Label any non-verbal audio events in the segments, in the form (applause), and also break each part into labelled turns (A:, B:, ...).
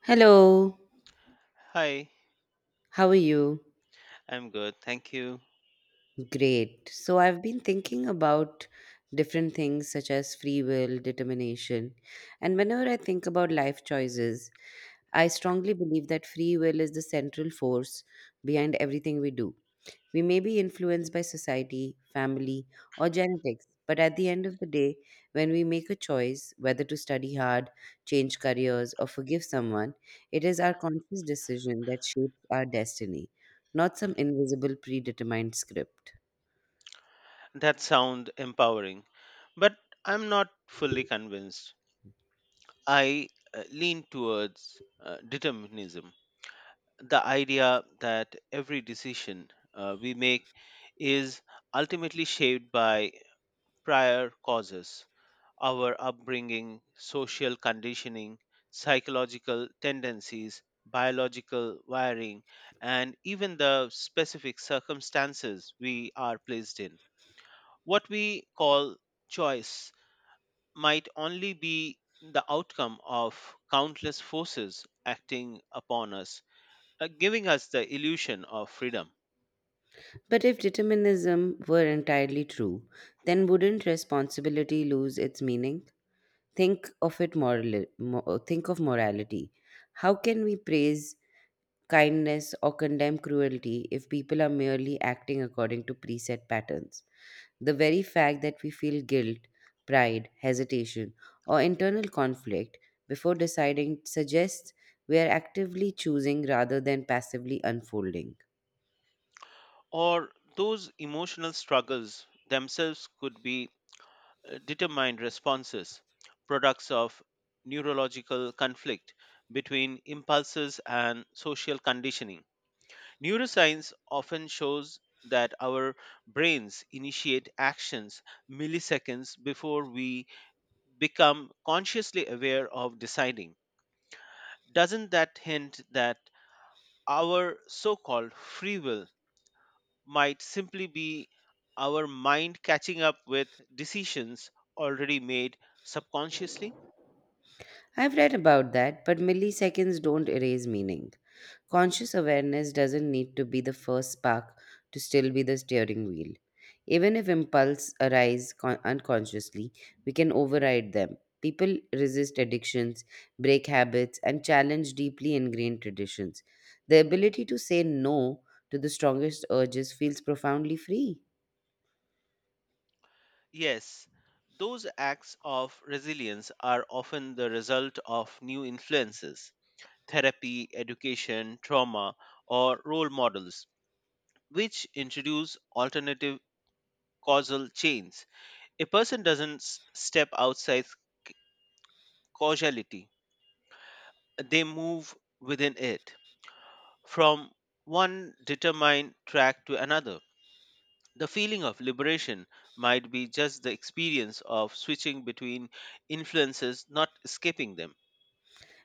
A: Hello,
B: Hi,
A: how are you?
B: I'm good. Thank you.
A: Great. So, I've been thinking about different things such as free will, determination, and whenever I think about life choices, I strongly believe that free will is the central force behind everything we do. We may be influenced by society, family, or genetics, but at the end of the day, when we make a choice whether to study hard, change careers, or forgive someone, it is our conscious decision that shapes our destiny, not some invisible predetermined script.
B: That sound empowering, but I'm not fully convinced. I lean towards determinism, the idea that every decision we make is ultimately shaped by prior causes, our upbringing, social conditioning, psychological tendencies, biological wiring, and even the specific circumstances we are placed in. What we call choice might only be the outcome of countless forces acting upon us, giving us the illusion of freedom.
A: But if determinism were entirely true, then wouldn't responsibility lose its meaning? Think of it morally, think of morality. How can we praise kindness, or condemn cruelty if people are merely acting according to preset patterns? The very fact that we feel guilt, pride, hesitation, or internal conflict before deciding suggests we are actively choosing rather than passively unfolding.
B: Or those emotional struggles themselves could be determined responses, products of neurological conflict between impulses and social conditioning. Neuroscience often shows that our brains initiate actions milliseconds before we become consciously aware of deciding. Doesn't that hint that our so called free will might simply be our mind catching up with decisions already made subconsciously?
A: I've read about that, but milliseconds don't erase meaning. Conscious awareness doesn't need to be the first spark to still be the steering wheel. Even if impulses arise unconsciously, we can override them. People resist addictions, break habits, and challenge deeply ingrained traditions. The ability to say no to the strongest urges feels profoundly free.
B: Yes, those acts of resilience are often the result of new influences, therapy, education, trauma, or role models, which introduce alternative causal chains. A person doesn't step outside c- causality, they move within it from one determined track to another. The feeling of liberation might be just the experience of switching between influences, not escaping them.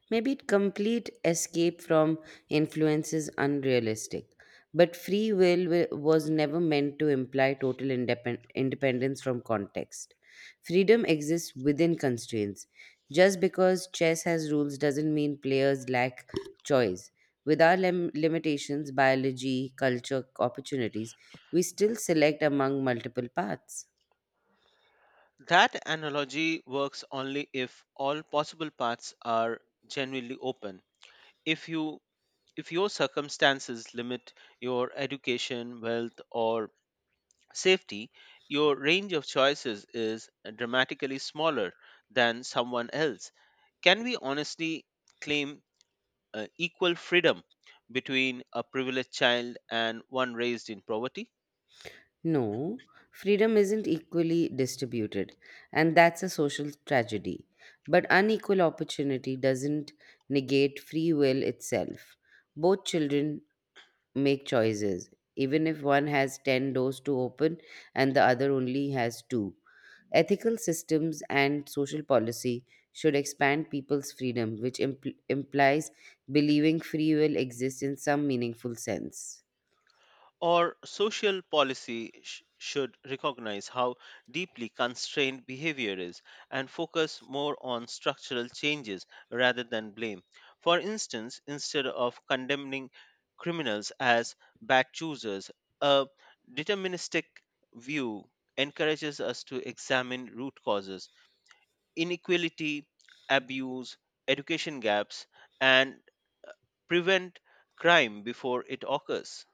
A: Maybe complete escape from influence is unrealistic, but free will was never meant to imply total independence from context. Freedom exists within constraints. Just because chess has rules doesn't mean players lack choice. With our limitations, biology, culture, opportunities, we still select among multiple paths.
B: That analogy works only if all possible paths are genuinely open. If you if your circumstances limit your education, wealth, or safety, your range of choices is dramatically smaller than someone else. Can we honestly claim equal freedom between a privileged child and one raised in poverty?
A: No, freedom isn't equally distributed, and that's a social tragedy. But unequal opportunity doesn't negate free will itself. Both children make choices, even if one has 10 doors to open and the other only has two. Ethical systems and social policy should expand people's freedom, which implies believing free will exists in some meaningful sense.
B: Or social policy should recognize how deeply constrained behavior is, and focus more on structural changes rather than blame. For instance, instead of condemning criminals as bad choosers, a deterministic view encourages us to examine root causes, inequality, abuse, education gaps, and prevent crime before it occurs.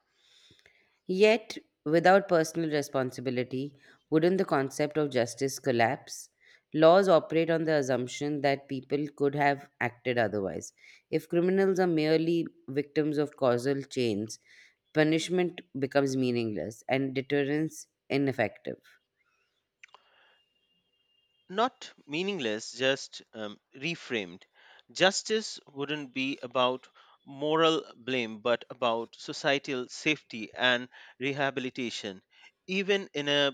A: Yet, without personal responsibility, wouldn't the concept of justice collapse? Laws operate on the assumption that people could have acted otherwise. If criminals are merely victims of causal chains, punishment becomes meaningless and deterrence ineffective.
B: Not meaningless, just reframed. Justice wouldn't be about moral blame, but about societal safety and rehabilitation. Even in a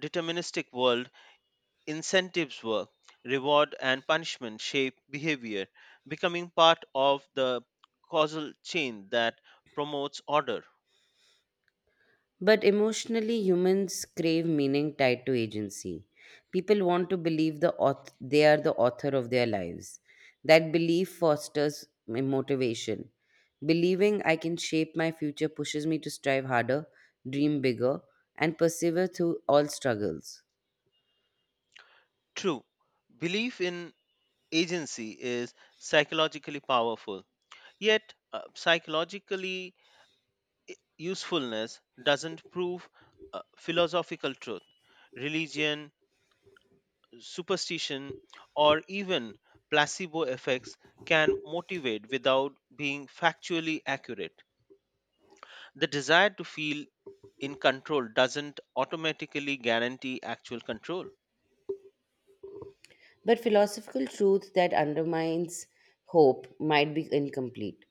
B: deterministic world, incentives work, reward and punishment shape behavior, becoming part of the causal chain that promotes order.
A: But emotionally, humans crave meaning tied to agency. People want to believe the they are the author of their lives. That belief fosters motivation. Believing I can shape my future pushes me to strive harder, dream bigger, and persevere through all struggles.
B: True, belief in agency is psychologically powerful, yet, psychologically usefulness doesn't prove philosophical truth. Religion, superstition, or even placebo effects can motivate without being factually accurate. The desire to feel in control doesn't automatically guarantee actual control.
A: But philosophical truth that undermines hope might be incomplete.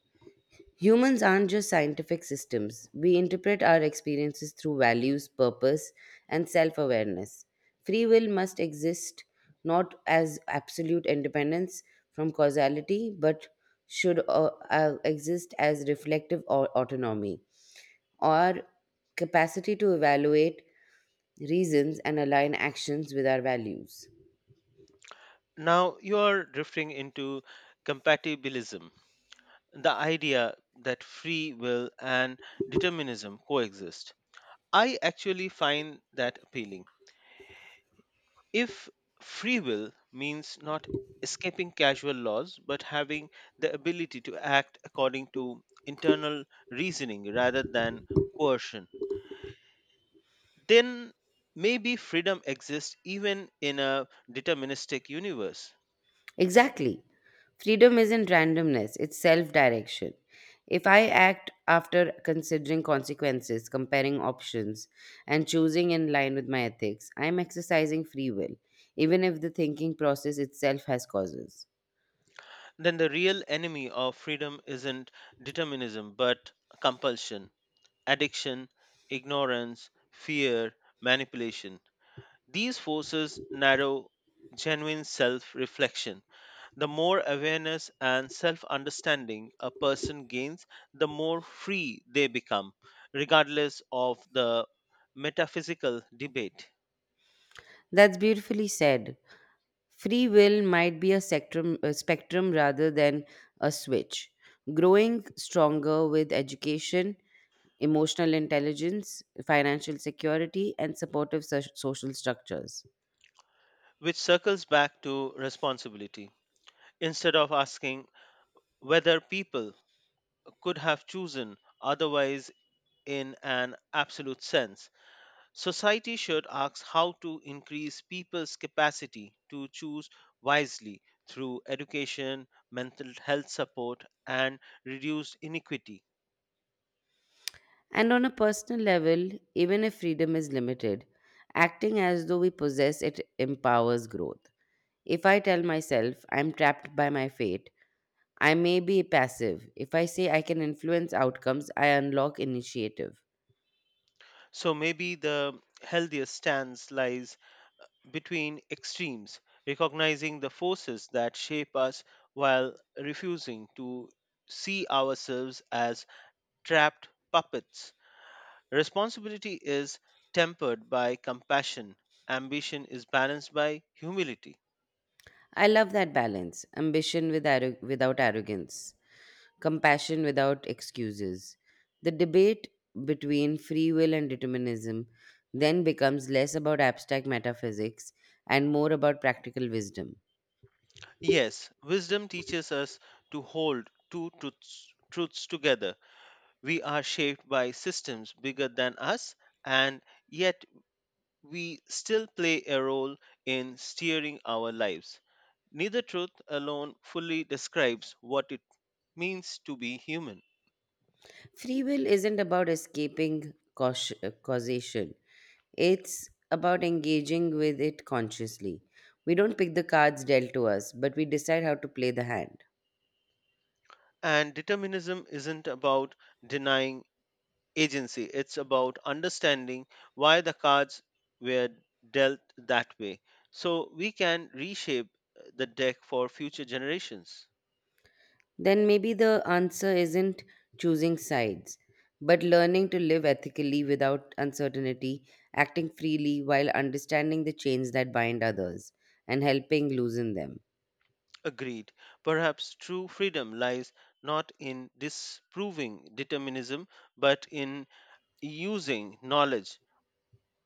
A: Humans aren't just scientific systems. We interpret our experiences through values, purpose, and self awareness. Free will must exist not as absolute independence from causality, but should exist as reflective autonomy or capacity to evaluate reasons and align actions with our values.
B: Now you're drifting into compatibilism, the idea that free will and determinism coexist. I actually find that appealing. If free will means not escaping casual laws but having the ability to act according to internal reasoning rather than coercion, then maybe freedom exists even in a deterministic universe.
A: Exactly. Freedom isn't randomness, it's self direction. If I act after considering consequences, comparing options, and choosing in line with my ethics, I am exercising free will, even if the thinking process itself has causes.
B: Then the real enemy of freedom isn't determinism but compulsion, addiction, ignorance, fear, manipulation. These forces narrow genuine self reflection. The more awareness and self understanding a person gains, the more free they become, regardless of the metaphysical debate,
A: That's beautifully said. Free will might be a spectrum rather than a switch, growing stronger with education, emotional intelligence, financial security, and supportive social structures.
B: which circles back to responsibility. Instead of asking whether people could have chosen otherwise in an absolute sense, society should ask how to increase people's capacity to choose wisely through education, mental health support, and reduced inequity.
A: And on a personal level, even if freedom is limited, acting as though we possess it empowers growth. If I tell myself I'm trapped by my fate, I may be passive. If I say I can influence outcomes, I unlock initiative.
B: So maybe the healthiest stance lies between extremes, recognizing the forces that shape us while refusing to see ourselves as trapped puppets. Responsibility is tempered by compassion, ambition is balanced by humility.
A: I love that balance, ambition with without arrogance, compassion without excuses. The debate between free will and determinism then becomes less about abstract metaphysics and more about practical wisdom.
B: Yes, wisdom teaches us to hold two truths together. We are shaped by systems bigger than us, and yet we still play a role in steering our lives. Neither truth alone fully describes what it means to be human.
A: Free will isn't about escaping causation, it's about engaging with it consciously. We don't pick the cards dealt to us, but we decide how to play the hand.
B: And determinism isn't about denying agency. It's about understanding why the cards were dealt that way so we can reshape the deck for future generations.
A: Then maybe the answer isn't choosing sides, but learning to live ethically without uncertainty, acting freely while understanding the chains that bind others, and helping loosen them.
B: Agreed. Perhaps true freedom lies not in disproving determinism but in using knowledge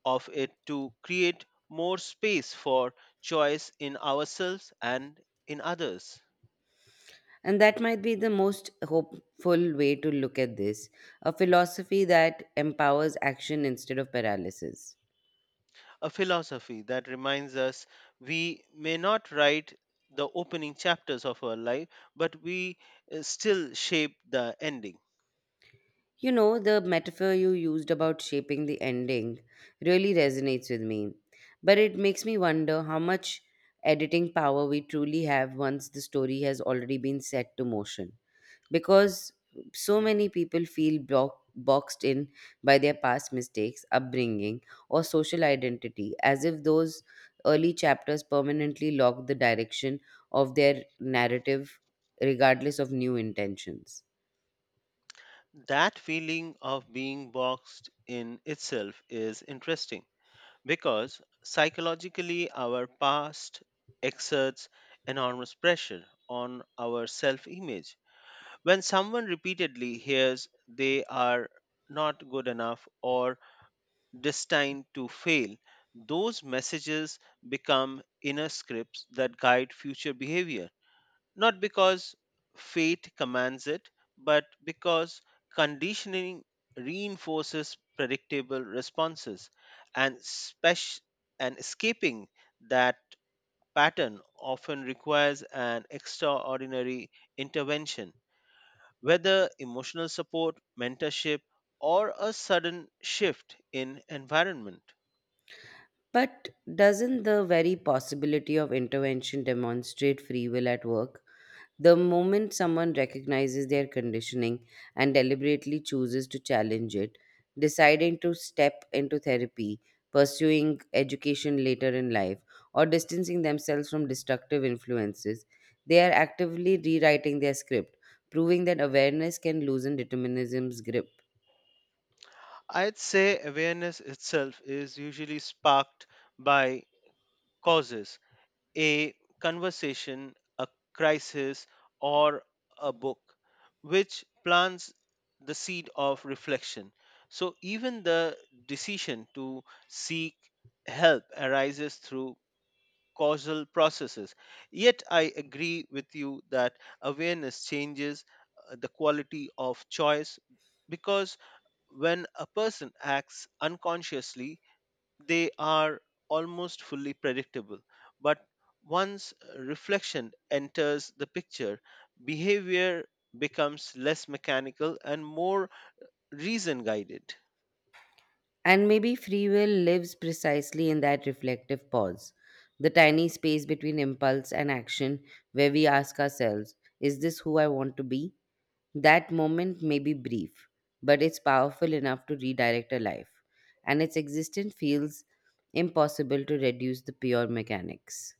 B: of it to create more space for choice in ourselves and in others.
A: And that might be the most hopeful way to look at this, a philosophy that empowers action instead of paralysis.
B: A philosophy that reminds us we may not write the opening chapters of our life, but we still shape the ending.
A: You know, the metaphor you used about shaping the ending really resonates with me, but it makes me wonder how much editing power we truly have once the story has already been set to motion, because so many people feel boxed in by their past mistakes, upbringing, or social identity, as if those early chapters permanently lock the direction of their narrative, regardless of new intentions.
B: That feeling of being boxed in itself is interesting because psychologically, our past exerts enormous pressure on our self image. When someone repeatedly hears they are not good enough or destined to fail, those messages become inner scripts that guide future behavior, not because fate commands it, but because conditioning reinforces predictable responses, and spec- and escaping that pattern often requires an extraordinary intervention, whether emotional support, mentorship, or a sudden shift in environment.
A: But doesn't the very possibility of intervention demonstrate free will at work? The moment someone recognizes their conditioning and deliberately chooses to challenge it, deciding to step into therapy, pursuing education later in life, or distancing themselves from destructive influences, they are actively rewriting their script, proving that awareness can loosen determinism's grip.
B: I'd say awareness itself is usually sparked by causes, a conversation, a crisis, or a book, which plants the seed of reflection. So even the decision to seek help arises through causal processes. Yet I agree with you that awareness changes the quality of choice because when a person acts unconsciously, they are almost fully predictable. But once reflection enters the picture, behavior becomes less mechanical and more reason guided.
A: And maybe free will lives precisely in that reflective pause, the tiny space between impulse and action where we ask ourselves, is this who I want to be? That moment may be brief, but it's powerful enough to redirect a life, and its existence feels impossible to reduce the pure mechanics.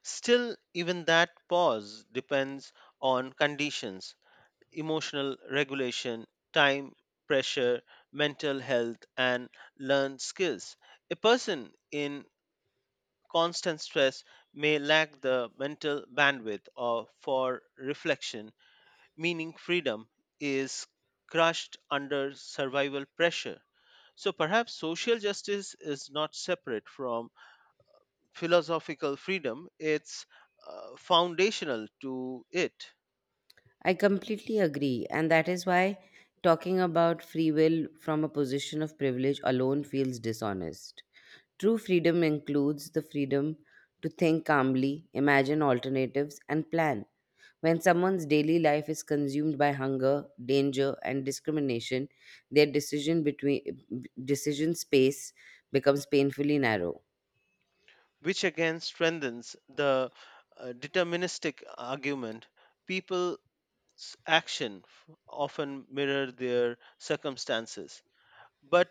B: Still, even that pause depends on conditions: emotional regulation, time pressure, mental health, and learned skills. A person in constant stress may lack the mental bandwidth or for reflection, meaning freedom is crushed under survival pressure. So perhaps social justice is not separate from philosophical freedom, it's foundational to it.
A: I completely agree, and that is why talking about free will from a position of privilege alone feels dishonest. True freedom includes the freedom to think calmly, imagine alternatives, and plan. When someone's daily life is consumed by hunger, danger, and discrimination, their decision space becomes painfully narrow.
B: Which again strengthens the deterministic argument. People's often mirror their circumstances, but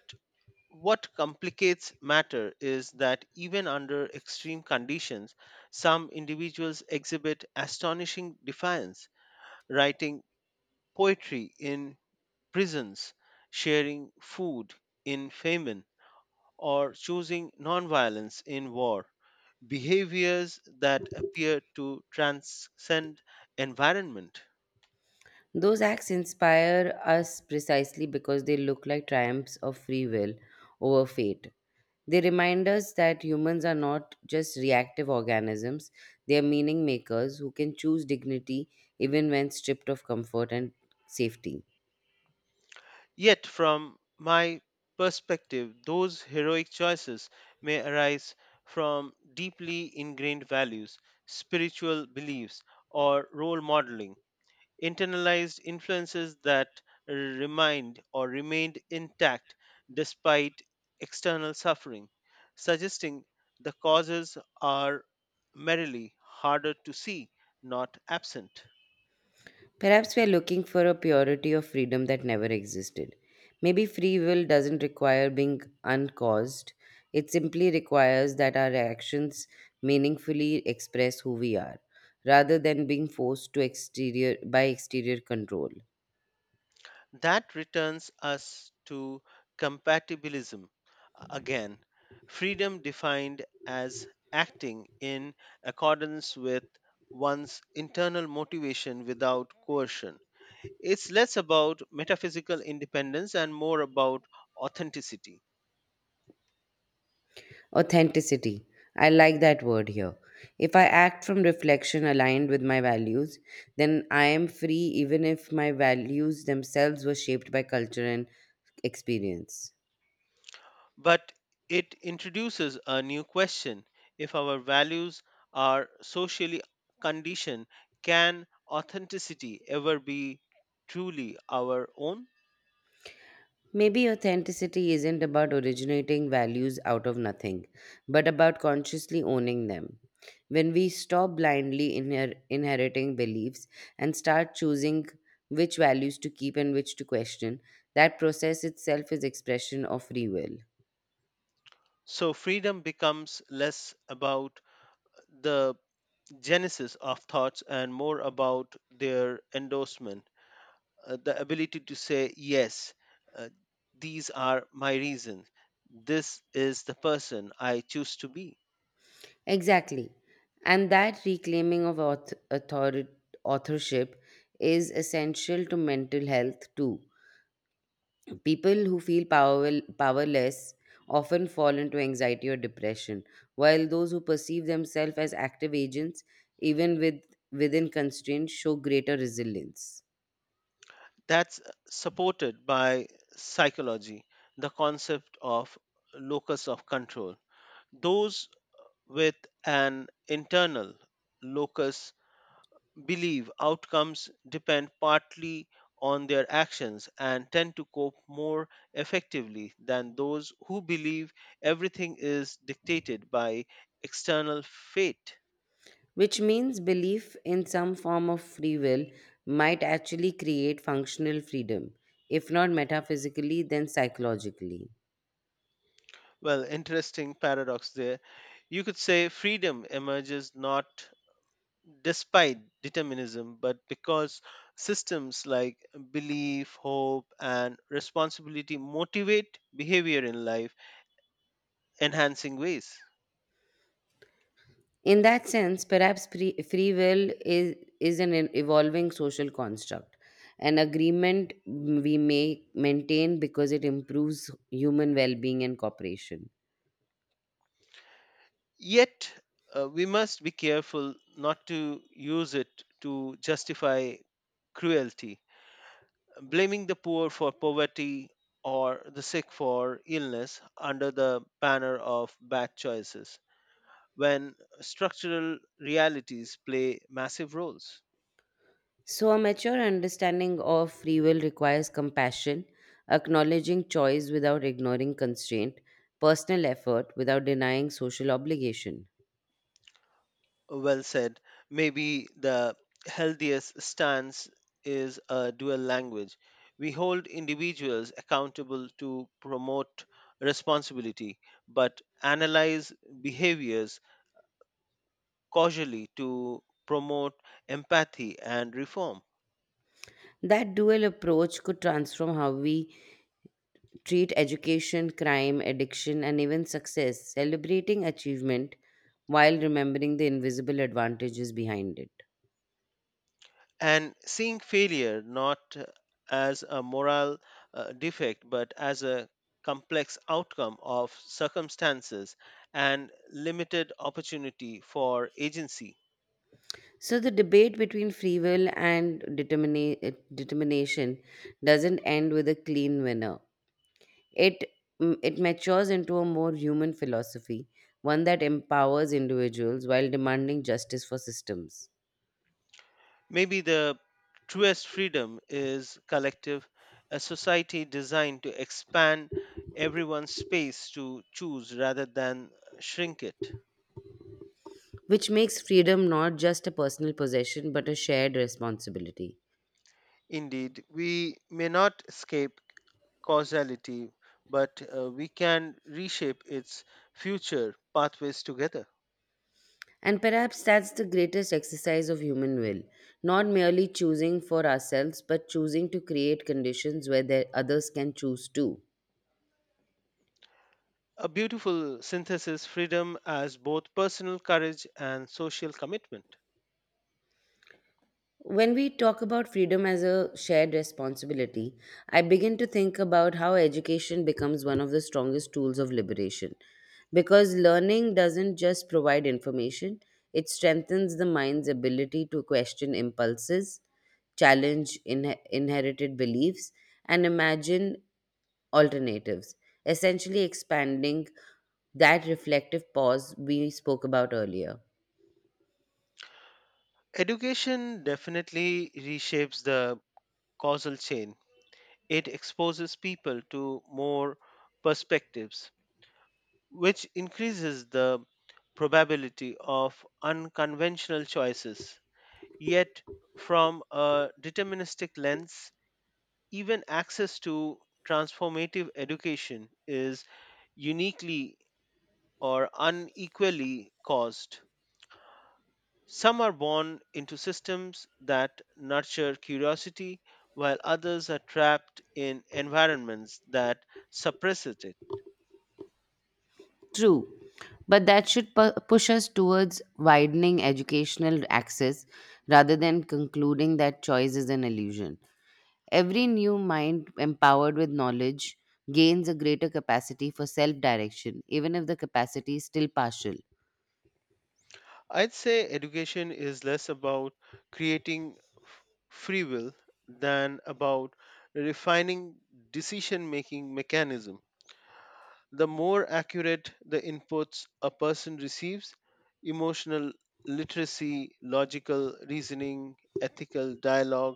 B: what complicates matter is that even under extreme conditions, some individuals exhibit astonishing defiance, writing poetry in prisons, sharing food in famine, or choosing nonviolence in war, behaviors that appear to transcend environment.
A: Those acts inspire us precisely because they look like triumphs of free will over fate. They remind us that humans are not just reactive organisms, they are meaning makers who can choose dignity even when stripped of comfort and safety.
B: Yet, from my perspective, those heroic choices may arise from deeply ingrained values, spiritual beliefs, or role modeling, internalized influences that remind or remained intact despite external suffering, suggesting the causes are merely harder to see, not absent.
A: Perhaps we are looking for a purity of freedom that never existed. Maybe free will doesn't require being uncaused, it simply requires that our actions meaningfully express who we are, rather than being forced to exterior by exterior control.
B: That returns us to compatibilism again, freedom defined as acting in accordance with one's internal motivation without coercion. It's less about metaphysical independence and more about authenticity.
A: Authenticity. I like that word here. If I act from reflection aligned with my values, then I am free even if my values themselves were shaped by culture and experience.
B: But it introduces a new question: if our values are socially conditioned, can authenticity ever be truly our own?
A: Maybe authenticity isn't about originating values out of nothing, but about consciously owning them. When we stop blindly inheriting beliefs and start choosing which values to keep and which to question, that process itself is expression of free will.
B: So freedom becomes less about the genesis of thoughts and more about their endorsement, the ability to say, yes, uh, these are my reasons. This is the person I choose to be.
A: Exactly. And that reclaiming of authorship is essential to mental health too. People who feel powerless often fall into anxiety or depression, while those who perceive themselves as active agents, even within constraints, show greater resilience.
B: That's supported by psychology, the concept of locus of control. Those with an internal locus believe outcomes depend partly on their actions and tend to cope more effectively than those who believe everything is dictated by external fate.
A: Which means belief in some form of free will might actually create functional freedom, if not metaphysically, then psychologically.
B: Well, interesting paradox there. You could say freedom emerges not despite determinism, but because systems like belief, hope, and responsibility motivate behavior in life, enhancing ways.
A: In that sense, perhaps free will is an evolving social construct, an agreement we may maintain because it improves human well being and cooperation.
B: Yet, we must be careful not to use it to justify cruelty. Blaming the poor for poverty or the sick for illness under the banner of bad choices when structural realities play massive roles.
A: So, a mature understanding of free will requires compassion, acknowledging choice without ignoring constraint, personal effort without denying social obligation.
B: Well said. Maybe the healthiest stance is a dual language. We hold individuals accountable to promote responsibility, but analyze behaviors causally to promote empathy and reform.
A: That dual approach could transform how we treat education, crime, addiction, and even success, celebrating achievement while remembering the invisible advantages behind it.
B: And seeing failure not as a moral defect, but as a complex outcome of circumstances and limited opportunity for agency.
A: So, the debate between free will and determination doesn't end with a clean winner. It, it matures into a more human philosophy, one that empowers individuals while demanding justice for systems,
B: Maybe the truest freedom is collective, a society designed to expand everyone's space to choose rather than shrink it.
A: which makes freedom not just a personal possession but a shared responsibility.
B: Indeed, we may not escape causality, but we can reshape its future pathways together.
A: And perhaps that's the greatest exercise of human will, not merely choosing for ourselves, but choosing to create conditions where others can choose too.
B: A beautiful synthesis, freedom as both personal courage and social commitment.
A: When we talk about freedom as a shared responsibility, I begin to think about how education becomes one of the strongest tools of liberation. Because learning doesn't just provide information, it strengthens the mind's ability to question impulses, challenge inherited beliefs, and imagine alternatives, essentially expanding that reflective pause we spoke about earlier.
B: Education definitely reshapes the causal chain. It exposes people to more perspectives, which increases the probability of unconventional choices. Yet, from a deterministic lens, even access to transformative education is uniquely or unequally caused. Some are born into systems that nurture curiosity, while others are trapped in environments that suppress it.
A: True, but that should push us towards widening educational access rather than concluding that choice is an illusion. Every new mind empowered with knowledge gains a greater capacity for self direction, even if the capacity is still partial.
B: I'd say education is less about creating f- free will than about refining decision making mechanism. The more accurate the inputs a person receives, emotional literacy, logical reasoning, ethical dialogue,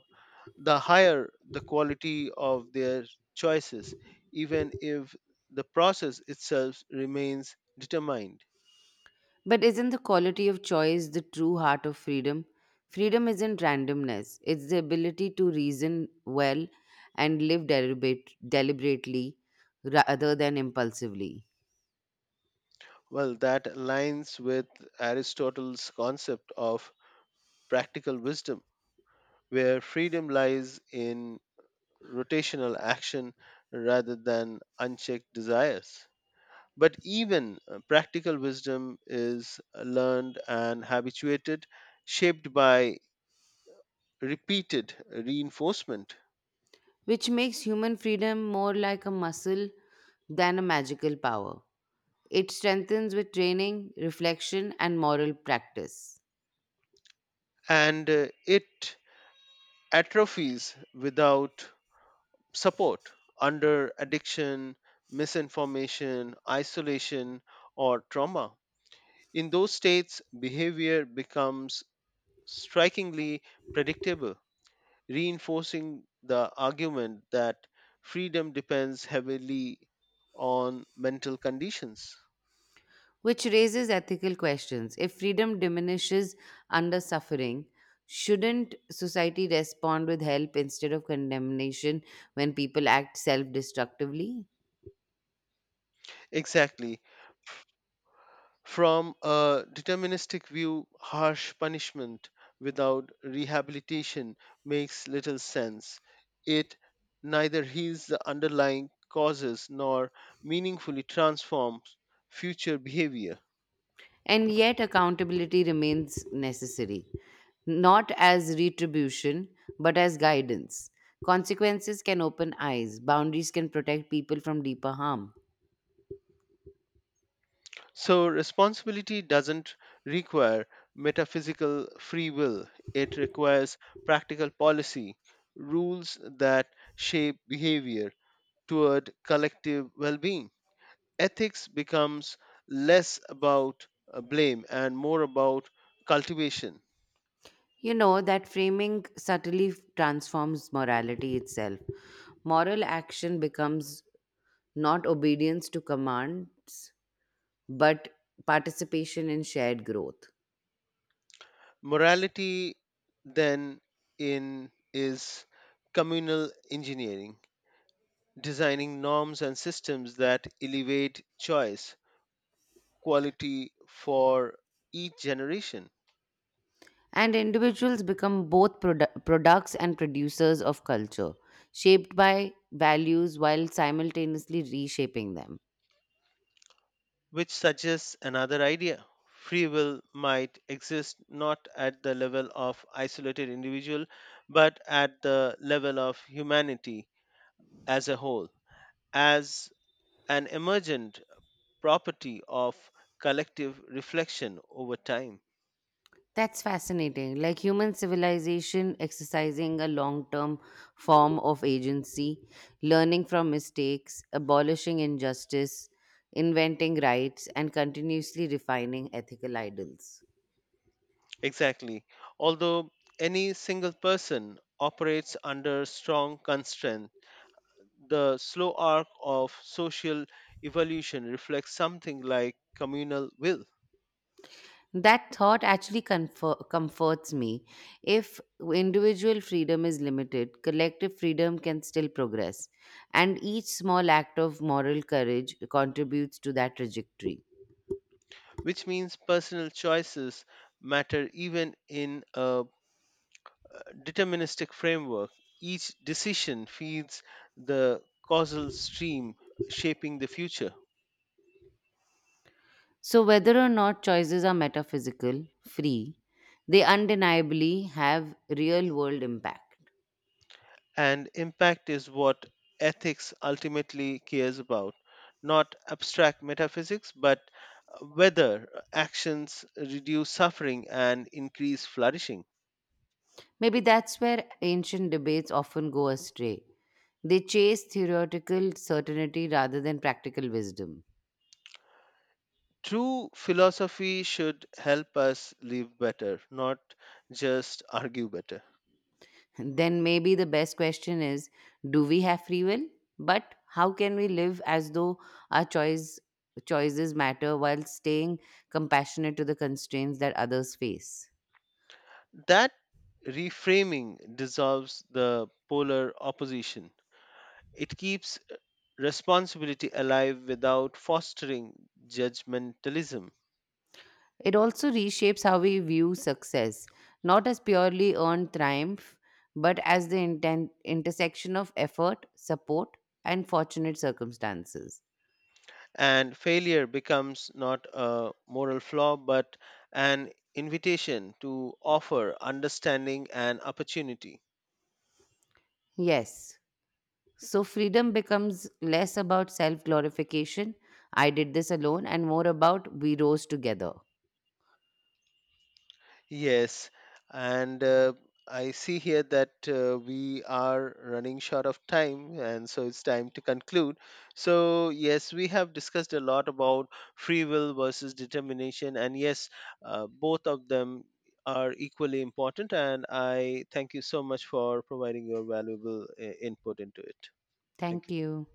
B: the higher the quality of their choices, even if the process itself remains determined.
A: But isn't the quality of choice the true heart of freedom? Freedom isn't randomness, it's the ability to reason well and live deliberately rather than impulsively,
B: Well, that aligns with Aristotle's concept of practical wisdom, where freedom lies in rotational action rather than unchecked desires. But even practical wisdom is learned and habituated, shaped by repeated reinforcement,
A: which makes human freedom more like a muscle than a magical power. It strengthens with training, reflection, and moral practice,
B: and it atrophies without support under addiction, misinformation, isolation, or trauma. In those states, behavior becomes strikingly predictable, reinforcing the argument that freedom depends heavily on mental conditions.
A: which raises ethical questions. If freedom diminishes under suffering, shouldn't society respond with help instead of condemnation when people act self destructively?
B: Exactly. From a deterministic view, harsh punishment without rehabilitation makes little sense. It neither heals the underlying causes nor meaningfully transforms future behavior.
A: And yet, accountability remains necessary, not as retribution, but as guidance. Consequences can open eyes, boundaries can protect people from deeper harm.
B: So, responsibility doesn't require metaphysical free will, it requires practical policy, rules that shape behavior toward collective well being. Ethics becomes less about blame and more about cultivation.
A: You know, that framing subtly transforms morality itself. Moral action becomes not obedience to commands, but participation in shared growth.
B: Morality, then, in is communal engineering, designing norms and systems that elevate choice quality for each generation,
A: And individuals become both products and producers of culture, shaped by values while simultaneously reshaping them.
B: which suggests another idea. Free will might exist not at the level of isolated individual, but at the level of humanity as a whole, as an emergent property of collective reflection over time.
A: That's fascinating. Like human civilization exercising a long term form of agency, learning from mistakes, abolishing injustice, inventing rights, and continuously refining ethical ideals.
B: Exactly. Although any single person operates under strong constraints, the slow arc of social evolution reflects something like communal will,
A: That thought actually comforts me. If individual freedom is limited, collective freedom can still progress. And each small act of moral courage contributes to that trajectory.
B: which means personal choices matter even in a deterministic framework. Each decision feeds the causal stream shaping the future,
A: So, whether or not choices are metaphysical, free, they undeniably have real world impact.
B: and impact is what ethics ultimately cares about, not abstract metaphysics, but whether actions reduce suffering and increase flourishing.
A: Maybe that's where ancient debates often go astray. They chase theoretical certainty rather than practical wisdom.
B: True philosophy should help us live better, not just (laughs) argue better.
A: Then maybe the best question is, do we have free will? But how can we live as though our choices matter while staying compassionate to the constraints that others face?
B: That reframing dissolves the polar opposition. It keeps responsibility alive without fostering judgmentalism.
A: It also reshapes how we view success, not as purely earned triumph, but as the intersection of effort, support, and fortunate circumstances.
B: And failure becomes not a moral flaw but an invitation to offer understanding and opportunity.
A: Yes, so freedom becomes less about self glorification, I did this alone, and more about we rose together.
B: Yes, and I see here that we are running short of time, and so it's time to conclude. So, yes, we have discussed a lot about free will versus determination, and yes, both of them are equally important. And I thank you so much for providing your valuable input into it. Thank
A: Thank
B: you.
A: you.